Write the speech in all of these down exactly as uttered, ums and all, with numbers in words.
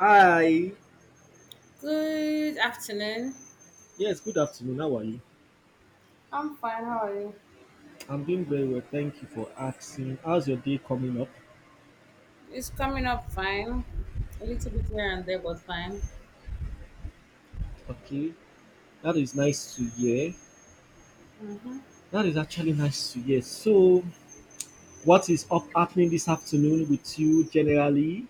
Hi. Good afternoon. Yes, good afternoon. How are you? I'm fine. How are you? I'm doing very well. Thank you for asking. How's your day coming up? It's coming up fine. A little bit here and there, but fine. Okay. That is nice to hear. That is actually nice to hear. So, what is up happening this afternoon with you generally?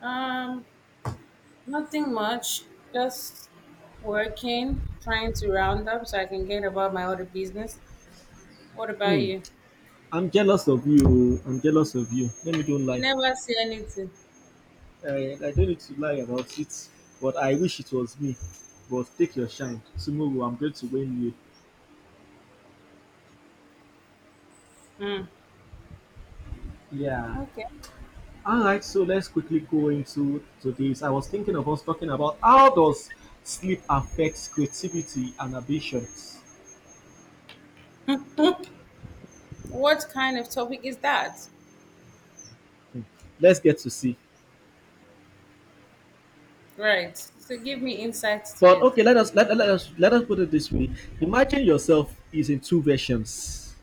Um, Nothing much. Just working, trying to round up so I can get about my other business. What about Hmm. you? I'm jealous of you. I'm jealous of you. Let me don't You lie. never see anything. I, I don't need to lie about it, but I wish it was me. But take your shine. Tomorrow I'm going to win you. Hmm. Yeah. Okay. All right, so let's quickly go into to this. I was thinking of us talking about how does sleep affects creativity and ambitions. What kind of topic is that? Hmm. Let's get to see. Right. So give me insights to But it. okay, let us let, let us let us put it this way. Imagine yourself is in two versions.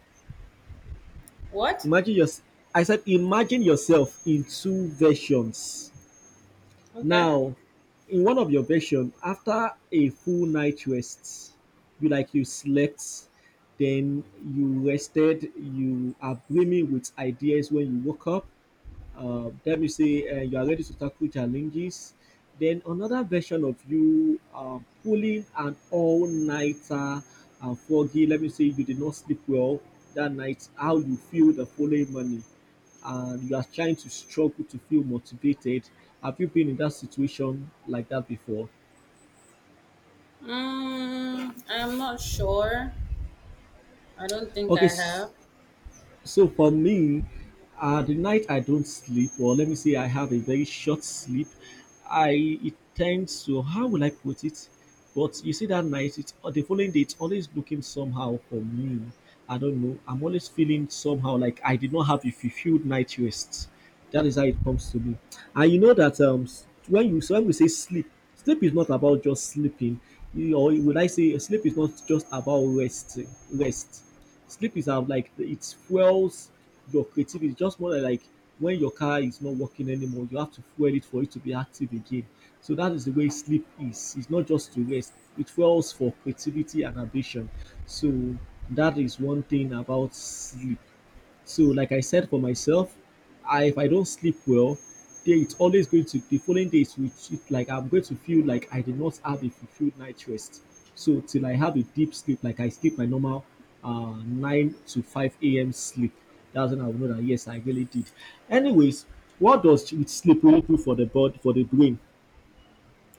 What? Imagine your I said imagine yourself in two versions. Okay. Now, in one of your version, after a full night rest, you like you slept, then you rested, you are brimming with ideas when you woke up, uh, let me say uh, you are ready to tackle challenges. Then another version of you uh, pulling an all-nighter and foggy. Let me say you did not sleep well that night. How you feel the following morning, and you are trying to struggle to feel motivated. Have you been in that situation like that before? Mm, I'm not sure. I don't think Okay. I s- have. So for me, uh, the night I don't sleep, or let me say I have a very short sleep, I it tends to how will I put it? But you see that night, it's or the following day, it's always looking somehow for me. I don't know. I'm always feeling somehow like I did not have a fulfilled night rest. That is how it comes to me. And you know that um, s- when you so when we say sleep, sleep is not about just sleeping. You- Or would I say sleep is not just about rest? Rest Sleep is um like it fuels your creativity, just more like when your car is not working anymore, you have to fuel it for it to be active again. So that is the way sleep is. It's not just to rest. It fuels for creativity and ambition. So that is one thing about sleep. So, like I said for myself, I, if I don't sleep well, then it's always going to the following days. Which it, like I'm going to feel like I did not have a fulfilled night rest. So till I have a deep sleep, like I sleep my normal uh, nine to five a m sleep, that's when I will know that yes, I really did. Anyways, what does ch- sleep really do for the body for the brain?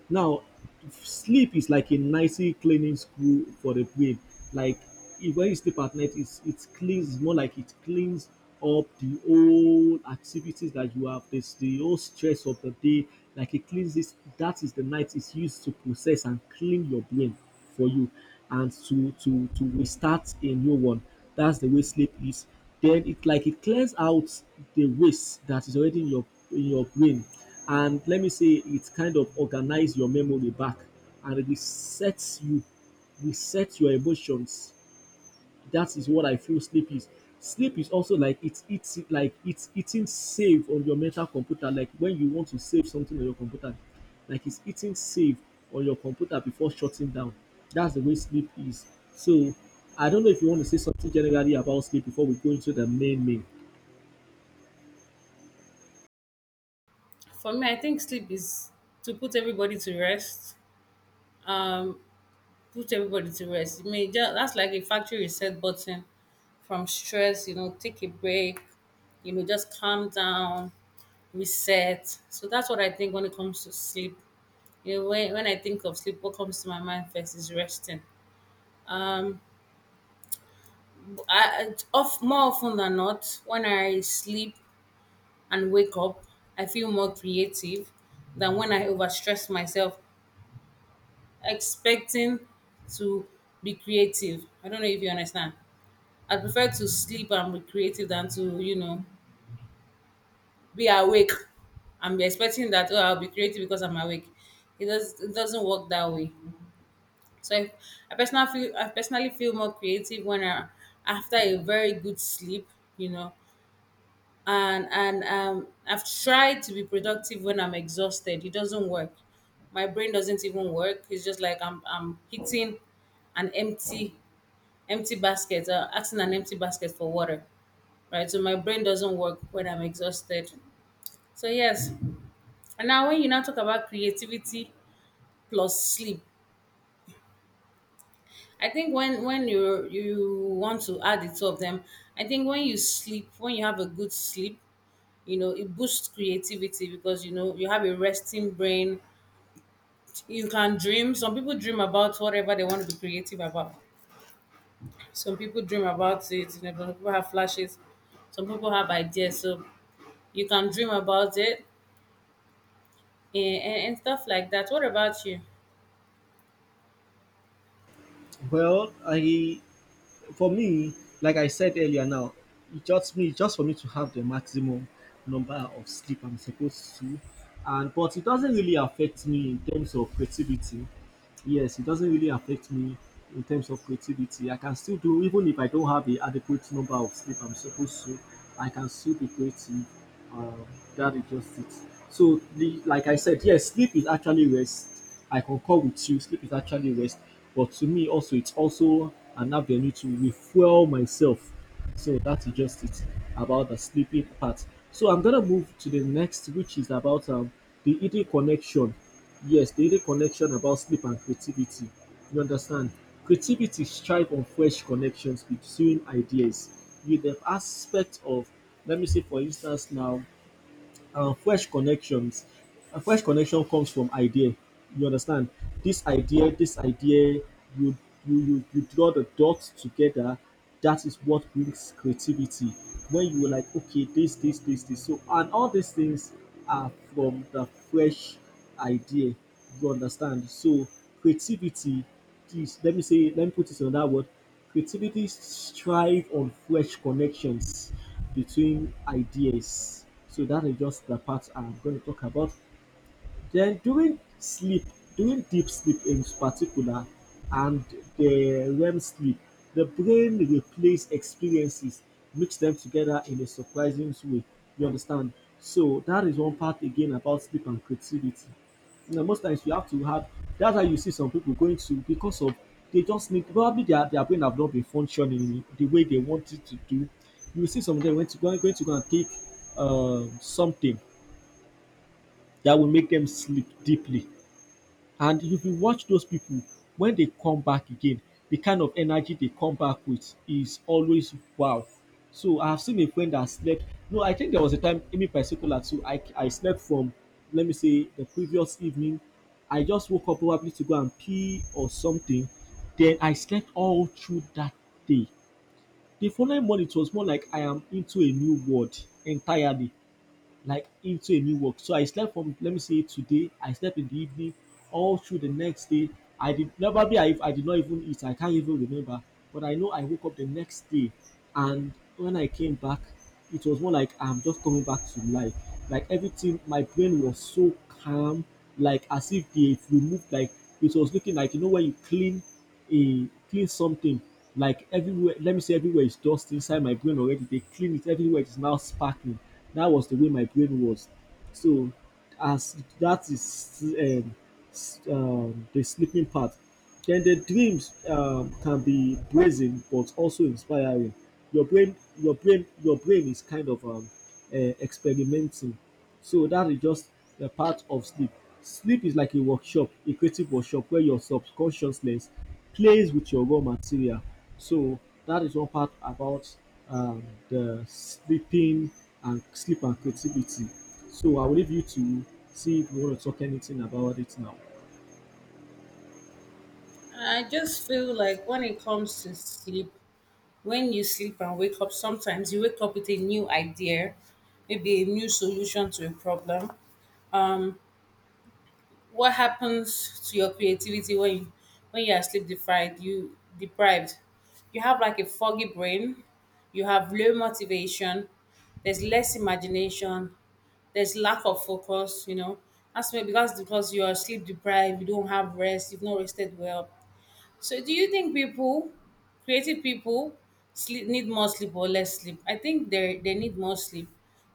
Now, sleep is like a nicely cleaning screw for the brain. Like if when you sleep at night, it's it cleans, more like it cleans up the old activities that you have, this the old stress of the day. Like it cleans this. That is the night is used to process and clean your brain for you, and to to to restart a new one. That's the way sleep is. Then it like it clears out the waste that is already in your in your brain, and let me say it kind of organize your memory back and resets you resets your emotions. That is what I feel sleep is. Sleep is also like it's it's like it's eating save on your mental computer, like when you want to save something on your computer, like it's eating save on your computer before shutting down. That's the way sleep is. So I don't know if you want to say something generally about sleep before we go into the main main. For me, I think sleep is to put everybody to rest. Um, Put everybody to rest. I mean, just, that's like a factory reset button from stress. You know, take a break. You know, just calm down, reset. So that's what I think when it comes to sleep. You know, when, when I think of sleep, what comes to my mind first is resting. Um, I, I- of More often than not, when I sleep and wake up, I feel more creative than when I overstress myself expecting to be creative. I don't know if you understand. I prefer to sleep and be creative than to, you know, be awake and be expecting that, oh, I'll be creative because I'm awake. It, does, it doesn't work that way. So I, I personally feel I personally feel more creative when I after a very good sleep, you know. And and um I've tried to be productive when I'm exhausted. It doesn't work. My brain doesn't even work. It's just like I'm I'm hitting an empty empty basket, uh, asking an empty basket for water, right? So my brain doesn't work when I'm exhausted. So yes, and now when you now talk about creativity plus sleep, I think when when you you want to add the two of them, I think when you sleep, when you have a good sleep, you know it boosts creativity because you know you have a resting brain. You can dream. Some people dream about whatever they want to be creative about. Some people dream about it. You know, some people have flashes, some people have ideas, so you can dream about it, and, and, and stuff like that. What about you? Well, I for me, like I said earlier now, it just me just for me to have the maximum number of sleep I'm supposed to, and but it doesn't really affect me in terms of creativity. Yes, it doesn't really affect me in terms of creativity. I can still do, even if I don't have the adequate number of sleep I'm supposed to, I can still be creative. Um, that is just it. So, the, like I said, yes, sleep is actually rest. I concur with you, sleep is actually rest. But to me, also, it's also an avenue to refuel myself, so that's just it about the sleeping part. So I'm gonna move to the next, which is about um, the eating connection. Yes, the eating connection about sleep and creativity. You understand? Creativity strive on fresh connections between ideas. You The aspect of, let me say, for instance, now, uh, fresh connections, a fresh connection comes from idea, you understand, this idea this idea you you you, you draw the dots together, that is what brings creativity. When you were like okay, this this this this so, and all these things are from the fresh idea. You understand? So creativity is, let me say let me put it in another word. Creativity strive on fresh connections between ideas. So that is just the part I'm going to talk about. Then during sleep, during deep sleep in particular, and the REM sleep, the brain replays experiences, mix them together in a surprising way. You understand? So that is one part again about sleep and creativity. You know, most times you have to have that's how you see some people going to because of they just need probably their their brain have not been functioning the way they want it to do. You see some of them went to going, going to go and take um, something that will make them sleep deeply, and if you watch those people, when they come back again, the kind of energy they come back with is always wow. So I've seen a friend that slept. No, I think there was a time, in me particular too, I, I slept from, let me say, the previous evening. I just woke up probably to go and pee or something. Then I slept all through that day. The following morning, it was more like I am into a new world entirely, like into a new work. So I slept from, let me say, today, I slept in the evening all through the next day. I did probably I, I did not even eat. I can't even remember. But I know I woke up the next day, and when I came back, it was more like I'm just coming back to life. Like everything, my brain was so calm, like as if they removed, like it was looking, like you know when you clean, he clean something, like everywhere, let me say, everywhere is dust inside my brain already, they clean it everywhere. It's now sparkling. That was the way my brain was. So as that is um, s- um, the sleeping part, then the dreams um, can be brazen but also inspiring. Your brain your brain your brain is kind of um, uh, experimenting. So that is just a part of sleep. Sleep is like a workshop, a creative workshop where your subconsciousness plays with your raw material. So that is one part about um, the sleeping, and sleep and creativity. So I will leave you to see if you want to talk anything about it now. I just feel like when it comes to sleep, when you sleep and wake up, sometimes you wake up with a new idea, maybe a new solution to a problem. Um, What happens to your creativity when you, when you are sleep deprived? You deprived. You have like a foggy brain. You have low motivation. There's less imagination. There's lack of focus. You know that's why, because because you are sleep deprived, you don't have rest. You've not rested well. So do you think people, creative people, sleep need more sleep or less sleep? I think they they need more sleep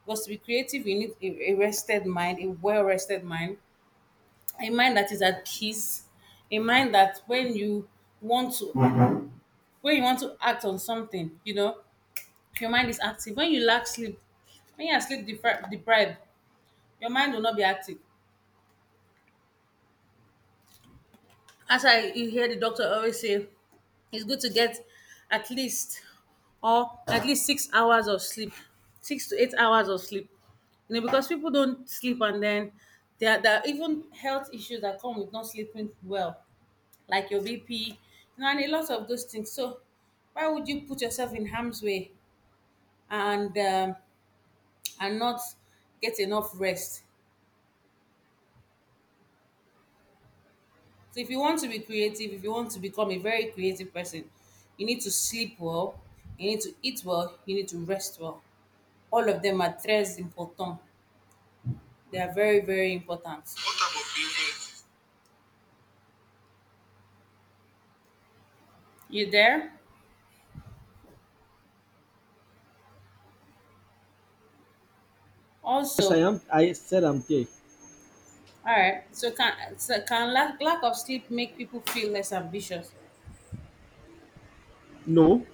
because to be creative, you need a, a rested mind, a well rested mind, a mind that is at peace, a mind that when you want to when you want to act on something, you know, your mind is active. When you lack sleep, when you are sleep depri- deprived, your mind will not be active. As I you hear the doctor always say, it's good to get at least or at least six hours of sleep, six to eight hours of sleep. You know, because people don't sleep, and then there are, there are even health issues that come with not sleeping well, like your B P, you know, and a lot of those things. So why would you put yourself in harm's way and um, and not get enough rest? So if you want to be creative, if you want to become a very creative person, you need to sleep well, you need to eat well, you need to rest well. All of them are tres important. They are very very important. You there? Yes, I Also, am. I said I'm there. all right. So can so can lack, lack of sleep make people feel less ambitious? No,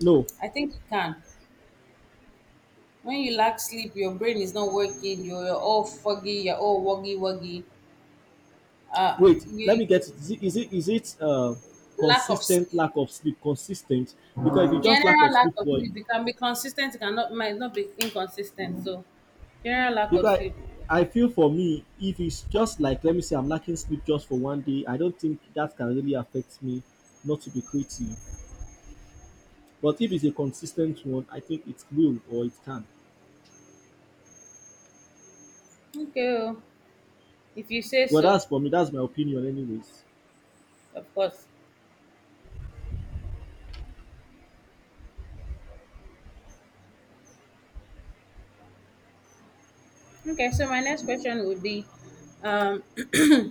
no. I think it can. When you lack sleep, your brain is not working. You're, you're all foggy. You're all woggy woggy. Uh, Wait, let you me you- get it. Is it is it, is it uh, Lack of consistent sleep. lack of sleep? Consistent, because if you just lack General of lack sleep of for sleep. It can be consistent. It cannot might not be inconsistent. So, general lack of because sleep. I, I feel for me, if it's just like let me say I'm lacking sleep just for one day, I don't think that can really affect me not to be creative. But if it's a consistent one, I think it will or it can. Okay, oh, if you say Well, so, that's for me. That's my opinion, anyways. of course. Okay, so my next question would be, um, do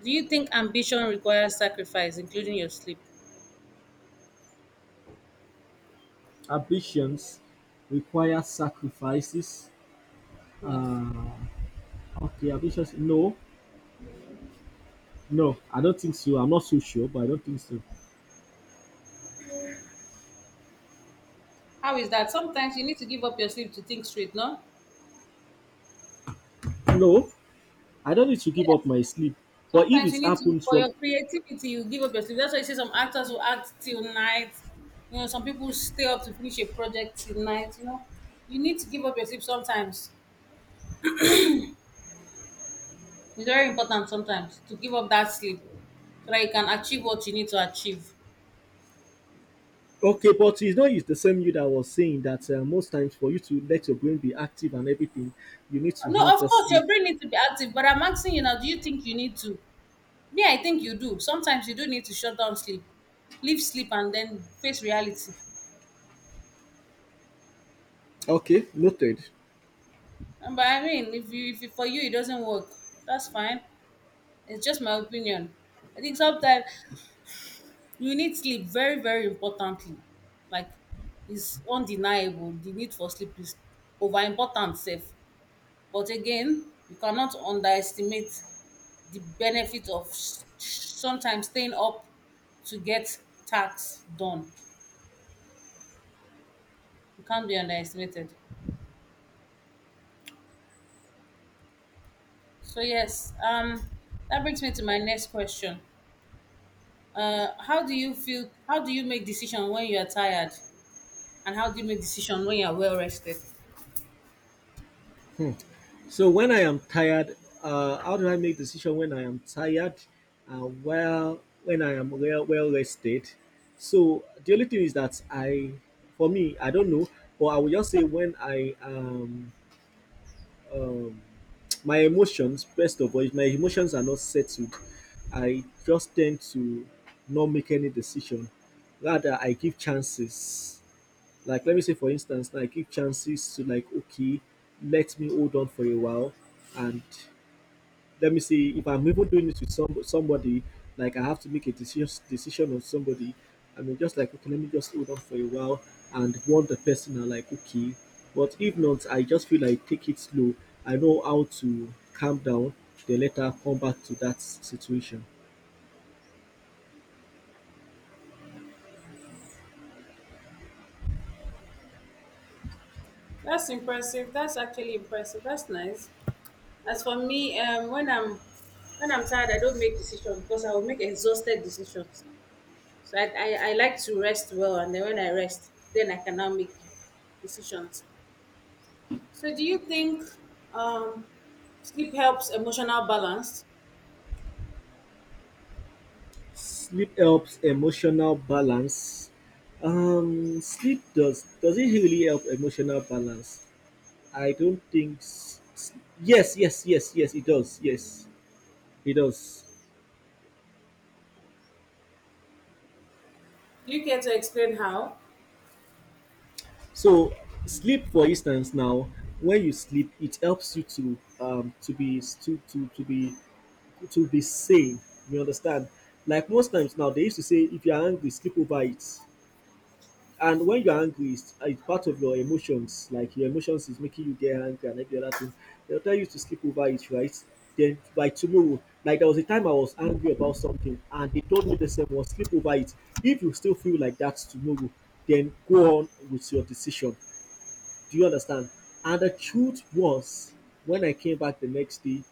you think ambition requires sacrifice, including your sleep? Ambitions require sacrifices. Yes. Uh, okay, ambitions. No, no, I don't think so. I'm not so sure, but I don't think so. How is that? Sometimes you need to give up your sleep to think straight, no? No, I don't need to give up Yes. my sleep. But if Sometimes it you need to happens for from, your creativity, you give up your sleep. That's why you see some actors who act till night. You know, some people stay up to finish a project till night. You know, you need to give up your sleep sometimes. It's very important sometimes to give up that sleep so that you can achieve what you need to achieve. okay, but it's not it's the same you that was saying that uh, most times for you to let your brain be active and everything, you need to No, have of the course sleep. your brain needs to be active, but I'm asking you now, do you think you need to? Me, I think you do. Sometimes you do need to shut down sleep. Leave sleep and then face reality. Okay, noted. But I mean, if you if you, for you it doesn't work, that's fine. It's just my opinion. I think sometimes you need sleep very, very importantly. Like it's undeniable. The need for sleep is over important safe. But again, you cannot underestimate the benefit of s- sometimes staying up to get tasks done. It can't be underestimated. So yes, um, that brings me to my next question. Uh, how do you feel? How do you make decision when you are tired, and how do you make decision when you are well rested? Hmm. So when I am tired, uh, how do I make decision when I am tired? Uh, well, when I am well well rested. So the only thing is that I, for me, I don't know, but I will just say when I um um my emotions, first of all, if my emotions are not settled, I just tend to not make any decision, rather I give chances, like let me say, for instance, I give chances to, like okay, let me hold on for a while, and let me see if I'm even doing it with some somebody, like I have to make a decision decision on somebody. I mean, just like okay, let me just hold on for a while and warn the person. I'm like, okay, but if not, I just feel like take it slow. I know how to calm down. Then later come back to that s- situation. That's impressive. That's actually impressive. That's nice. As for me, um, when I'm when I'm tired, I don't make decisions because I will make exhausted decisions. So I, I, I like to rest well, and then when I rest, then I can now make decisions. So do you think um, sleep helps emotional balance? Sleep helps emotional balance. Um, sleep does does it really help emotional balance? I don't think. s- s- Yes, yes, yes, yes. It does. Yes, it does. Do you care to explain how? So sleep, for instance, now when you sleep, it helps you to um to be to to to be to be sane. You understand? Like most times now, they used to say if you are angry, sleep over it. And when you are angry, it's, it's part of your emotions. Like your emotions is making you get angry and every other thing. They'll tell you to sleep over it, right? Then by tomorrow, like there was a time I was angry about something, and they told me the same was sleep over it. If you still feel like that tomorrow, then go on with your decision, do you understand? And the truth was, when I came back the next day,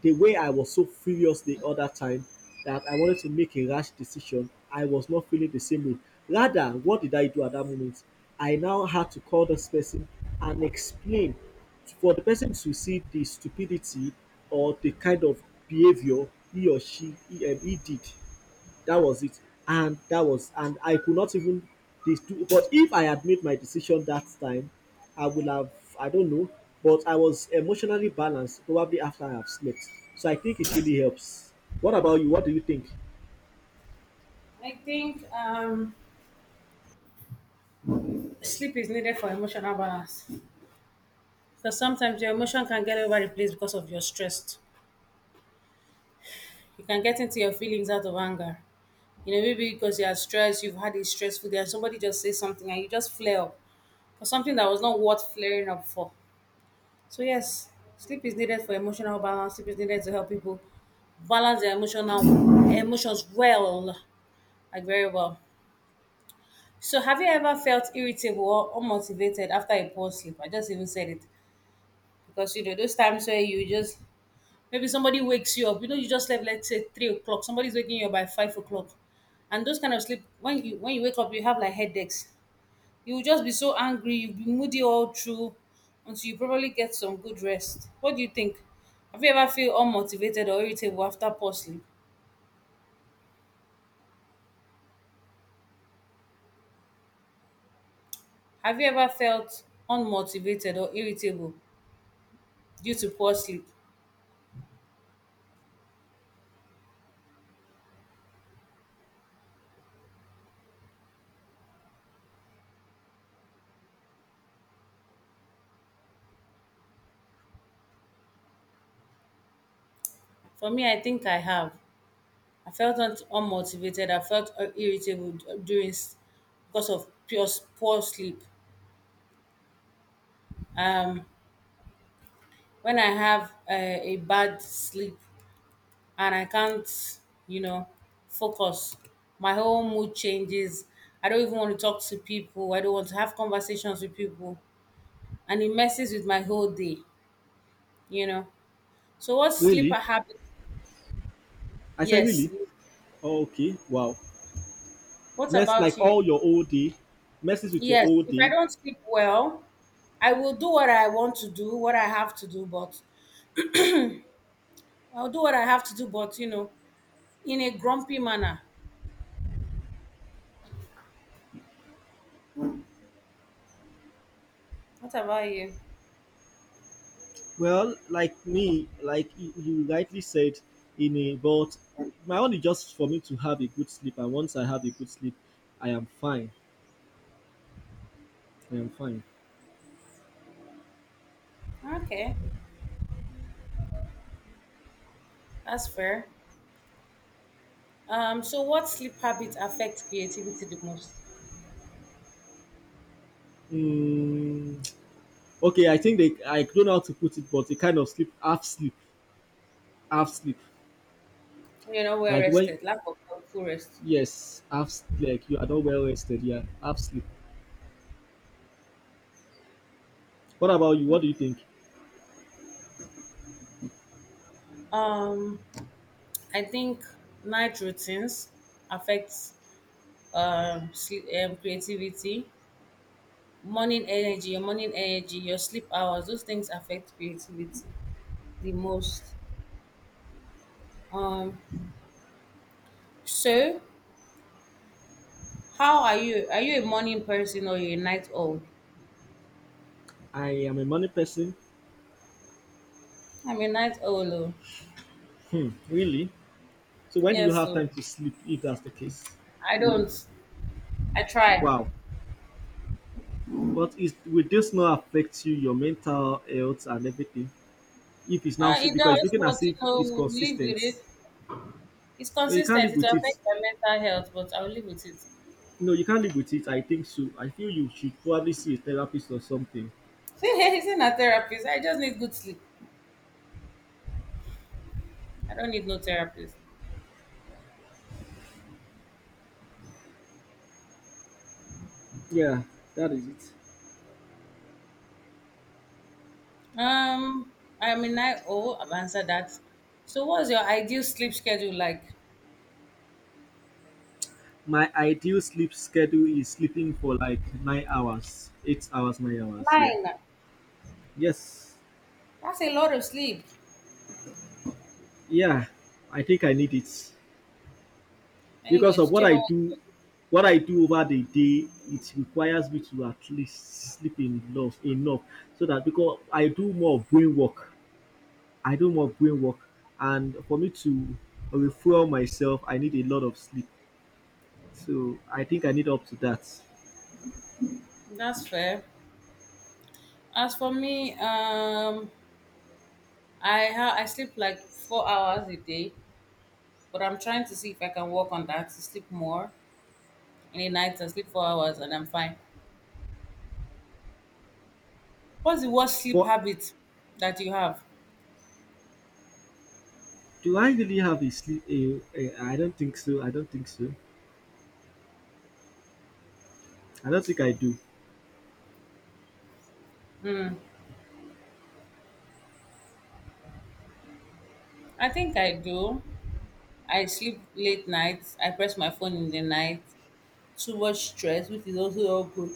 the way I was so furious the other time that I wanted to make a rash decision, I was not feeling the same way. Rather, what did I do at that moment? I now had to call this person and explain for the person to see the stupidity or the kind of behavior he or she he, um, he did. That was it. And that was And I could not even this do. But if I had made my decision that time, I would have, I don't know. But I was emotionally balanced probably after I have slept. So I think it really helps. What about you, what do you think? I think um, sleep is needed for emotional balance because sometimes your emotion can get over the place because of your stress. You can get into your feelings out of anger. You know, maybe because you are stressed, you've had a stressful day, and somebody just says something and you just flare up for something that was not worth flaring up for. So, yes, sleep is needed for emotional balance. Sleep is needed to help people balance their emotional emotions well, like very well. So, have you ever felt irritable or unmotivated after a poor sleep? I just even said it because you know those times where you just. Maybe somebody wakes you up. You know, you just slept, let's say three o'clock. Somebody's waking you up by five o'clock. And those kind of sleep, when you when you wake up, you have like headaches. You will just be so angry, you'll be moody all through until you probably get some good rest. What do you think? Have you ever feel unmotivated or irritable after poor sleep? Have you ever felt unmotivated or irritable due to poor sleep? For me, I think I have. I felt un- unmotivated. I felt uh, irritable d- during s- because of pure s- poor sleep. Um, when I have uh, a bad sleep and I can't, you know, focus, my whole mood changes. I don't even want to talk to people. I don't want to have conversations with people. And it messes with my whole day, you know. So, what sleep Really? habit? I said really. Yes. Oh, okay, wow. What mess like about you? all your whole day Messes with your Yes. whole If I day. don't sleep well, I will do what I want to do, what I have to do, but I'll do what I have to do, but, you know, in a grumpy manner. What about you? Well, like me, like you you rightly said, in a but my own is just for me to have a good sleep, and once I have a good sleep, I am fine. I'm fine. Okay. That's fair. Um, so what sleep habits affect creativity the most? Mm, okay, I think they I don't know how to put it, but a kind of sleep, half sleep, half sleep. You know, we're Like when rested, lack of full rest. Yes, half s- like you are not well rested. Yeah, half sleep. What about you? What do you think? Um, I think night routines affects um, sleep, um, creativity, morning energy, your morning energy, your sleep hours. Those things affect creativity the most. Um, so how are you? Are you a morning person or you a night owl? I am a morning person, I'm a night owl. Oh. really. So when do you Yes, have so time to sleep? If that's the case, I don't. I try. wow. But is will this not affect you, your mental health and everything? If it's now Uh, so It because it's does, looking as but you if know, it's we'll live consistent, with it. It's but you can't consistent. live It with will it. affect my mental health, but I'll live with it. No, you can't live with it. I think so. I feel you should probably see a therapist or something. See, he's not a therapist. I just need good sleep. I don't need no therapist. Yeah, that is it. Um, I'm in I O. I've answered that. So, what's your ideal sleep schedule like? My ideal sleep schedule is sleeping for like nine hours, eight hours, nine hours. Yeah. Nine. Yes. That's a lot of sleep. Yeah. I think I need it because of Anyways, what I Chibo, do. What I do over the day, it requires me to at least sleep enough, enough, so that because I do more of brain work. I do more brain work, and for me to refuel myself, I need a lot of sleep. So I think I need up to that. that's fair. As for me, um, I ha- I sleep like four hours a day, but I'm trying to see if I can work on that to sleep more. In a night and sleep four hours and I'm fine. What's the worst sleep For habit that you have? Do I really have a sleep? A, a, I don't think so. I don't think so. I don't think I do. I think I do. I sleep late nights. I press my phone in the night. Too much stress, which is also not good.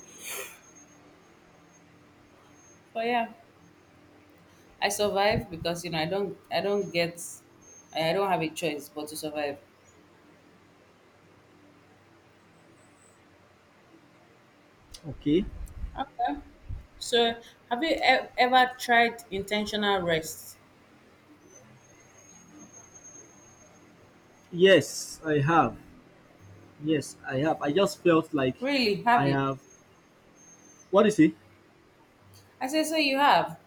But yeah, I survive because you know I don't I don't get I don't have a choice but to survive. Okay. So have you e- ever tried intentional rest? Yes, I have. Yes, I have. I just felt like Really, I have you? have. What is it? I say so you have.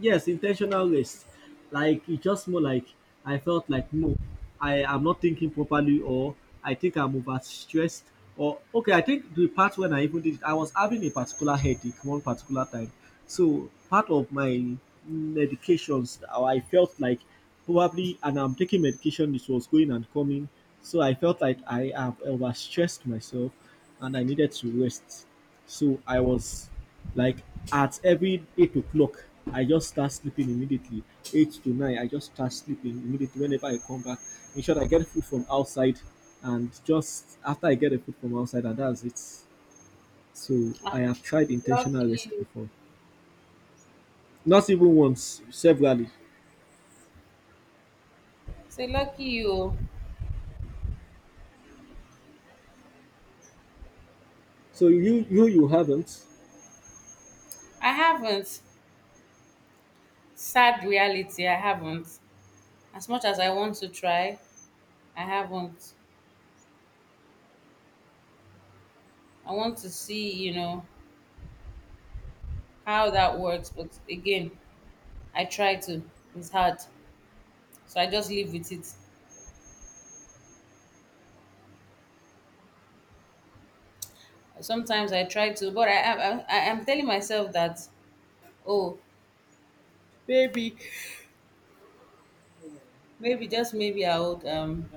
Yes, intentional waste, like it's just more like I felt like no, I am not thinking properly, or I think I'm over stressed, or okay, I think the part when I even did it I was having a particular headache one particular time. So part of my medications, uh, I felt like probably, and I'm taking medication this was going and coming. So I felt like I have overstressed myself and I needed to rest. So I was like, at every eight o'clock, I just start sleeping immediately. Eight to nine, I just start sleeping immediately whenever I come back. In short, I get food from outside, and just after I get the food from outside, and that's it. So I have tried intentional Lucky rest you. before, not even once, severally. Say lucky you. So you you you haven't. I haven't. Sad reality, I haven't. As much as I want to try, I haven't. I want to see, you know, how that works. But again, I try to. It's hard, so I just live with it. Sometimes I try to, but I am. I am telling myself that, oh, maybe, maybe just maybe I would. Um,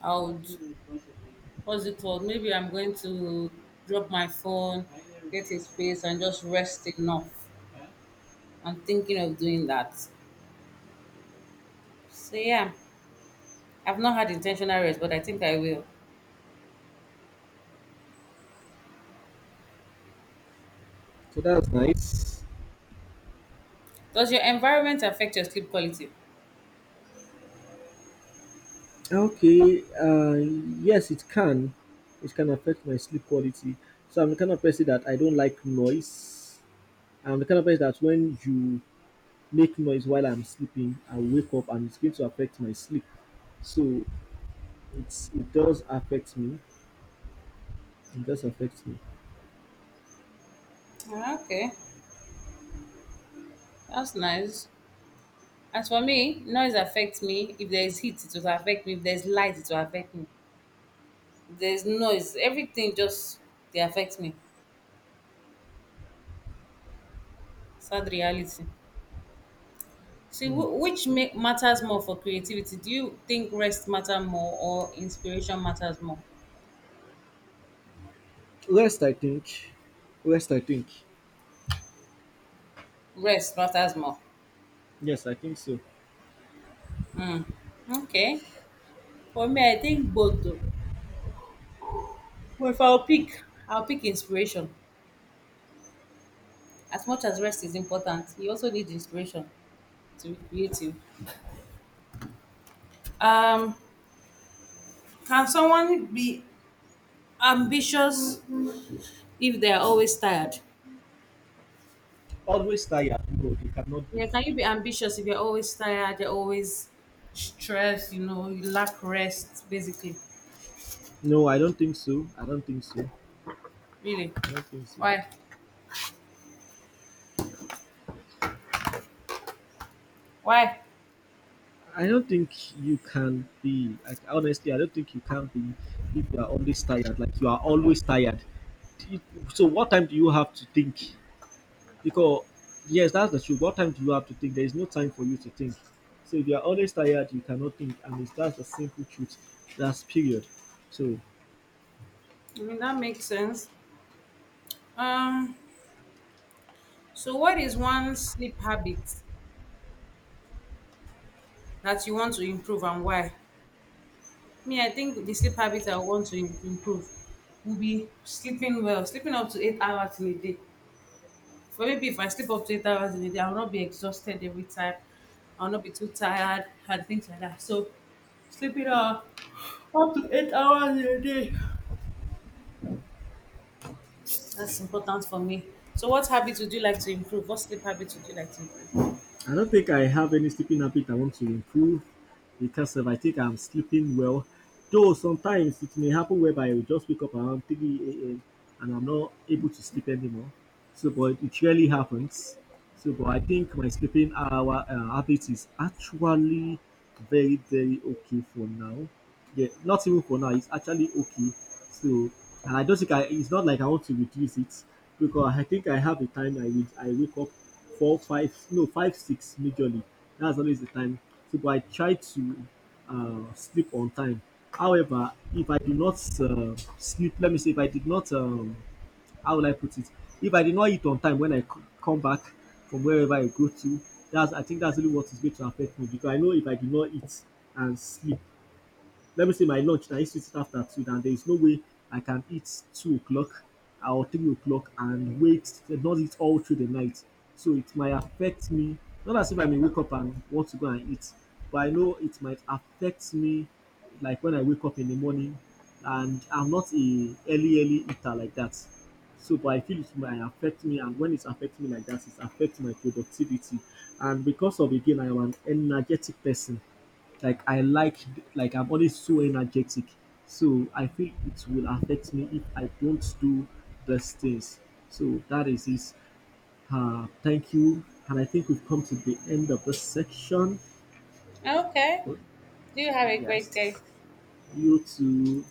I would. What's it called? Maybe I'm going to drop my phone, get a space, and just rest enough. I'm thinking of doing that. So yeah, I've not had intentional rest, but I think I will. So that's nice. Does your environment affect your sleep quality? Okay. Uh, yes, it can. It can affect my sleep quality. So I'm the kind of person that I don't like noise. I'm the kind of person that when you make noise while I'm sleeping, I wake up and it's going to affect my sleep. So it's it does affect me. It does affect me. Ah, okay, that's nice. As for me, noise affects me. If there is heat, it will affect me. If there is light, it will affect me. If there is noise, everything just they affect me. Sad reality. See, wh- which make matters more for creativity? Do you think rest matter more or inspiration matters more? Rest, I think. Rest, I think. Rest matters more. Yes, I think so. Okay. For me, I think both. Though. Well, if I'll pick, I'll pick inspiration. As much as rest is important, you also need inspiration to be creative. Um, can someone be ambitious if they're always tired? Always tired. No, it cannot be. Yeah, can you be ambitious if you're always tired, you're always stressed, you know, you lack rest, basically. No, I don't think so. I don't think so. Really. I don't think so. Why? Why? I don't think you can be, like, honestly. I don't think you can be if you are always tired. Like you are always tired. Do So what time do you have to think? Because yes, that's the truth. What time do you have to think? There is no time for you to think. So if you are always tired, you cannot think, and it's that's the simple truth. That's period. So I mean, that makes sense. Um, so what is one sleep habit that you want to improve and why? Me, I think the sleep habit I want to im- improve will be sleeping well, sleeping up to eight hours in a day. But maybe if I sleep up to eight hours in a day, I will not be exhausted every time. I will not be too tired and things like that. So sleeping up up to eight hours in a day. That's important for me. So what habits would you like to improve? What sleep habits would you like to improve? I don't think I have any sleeping habit I want to improve because if I think I'm sleeping well, though sometimes it may happen whereby I will just wake up around three a m and I'm not able to sleep anymore. So, but it rarely happens. So, but I think my sleeping hour uh, habit is actually very, very okay for now. Yeah, not even for now. It's actually okay. So, and I don't think I. It's not like I want to reduce it because I think I have a time. I wake I wake up four, five, no, five, six majorly. That's always the time. So, but I try to uh, sleep on time. However, if I do not uh, sleep, let me say, if I did not, um, how will I put it? If I did not eat on time when I c- come back from wherever I go to, that's I think that's really what is going to affect me because I know if I do not eat and sleep, let me say my lunch now. I used to eat after two. And there is no way I can eat two o'clock or three o'clock and wait not eat all through the night. So it might affect me. Not as if I may wake up and want to go and eat, but I know it might affect me like when I wake up in the morning, and I'm not a early early eater like that. So but I feel it might affect me, and when it's affecting me like that, it's affecting my productivity. And because of again I am an energetic person. Like I like like I'm always so energetic. So I feel it will affect me if I don't do those things. So that is it. Uh, thank you. And I think we've come to the end of this section. Okay. Oh, Do you have a great yes. day? You too.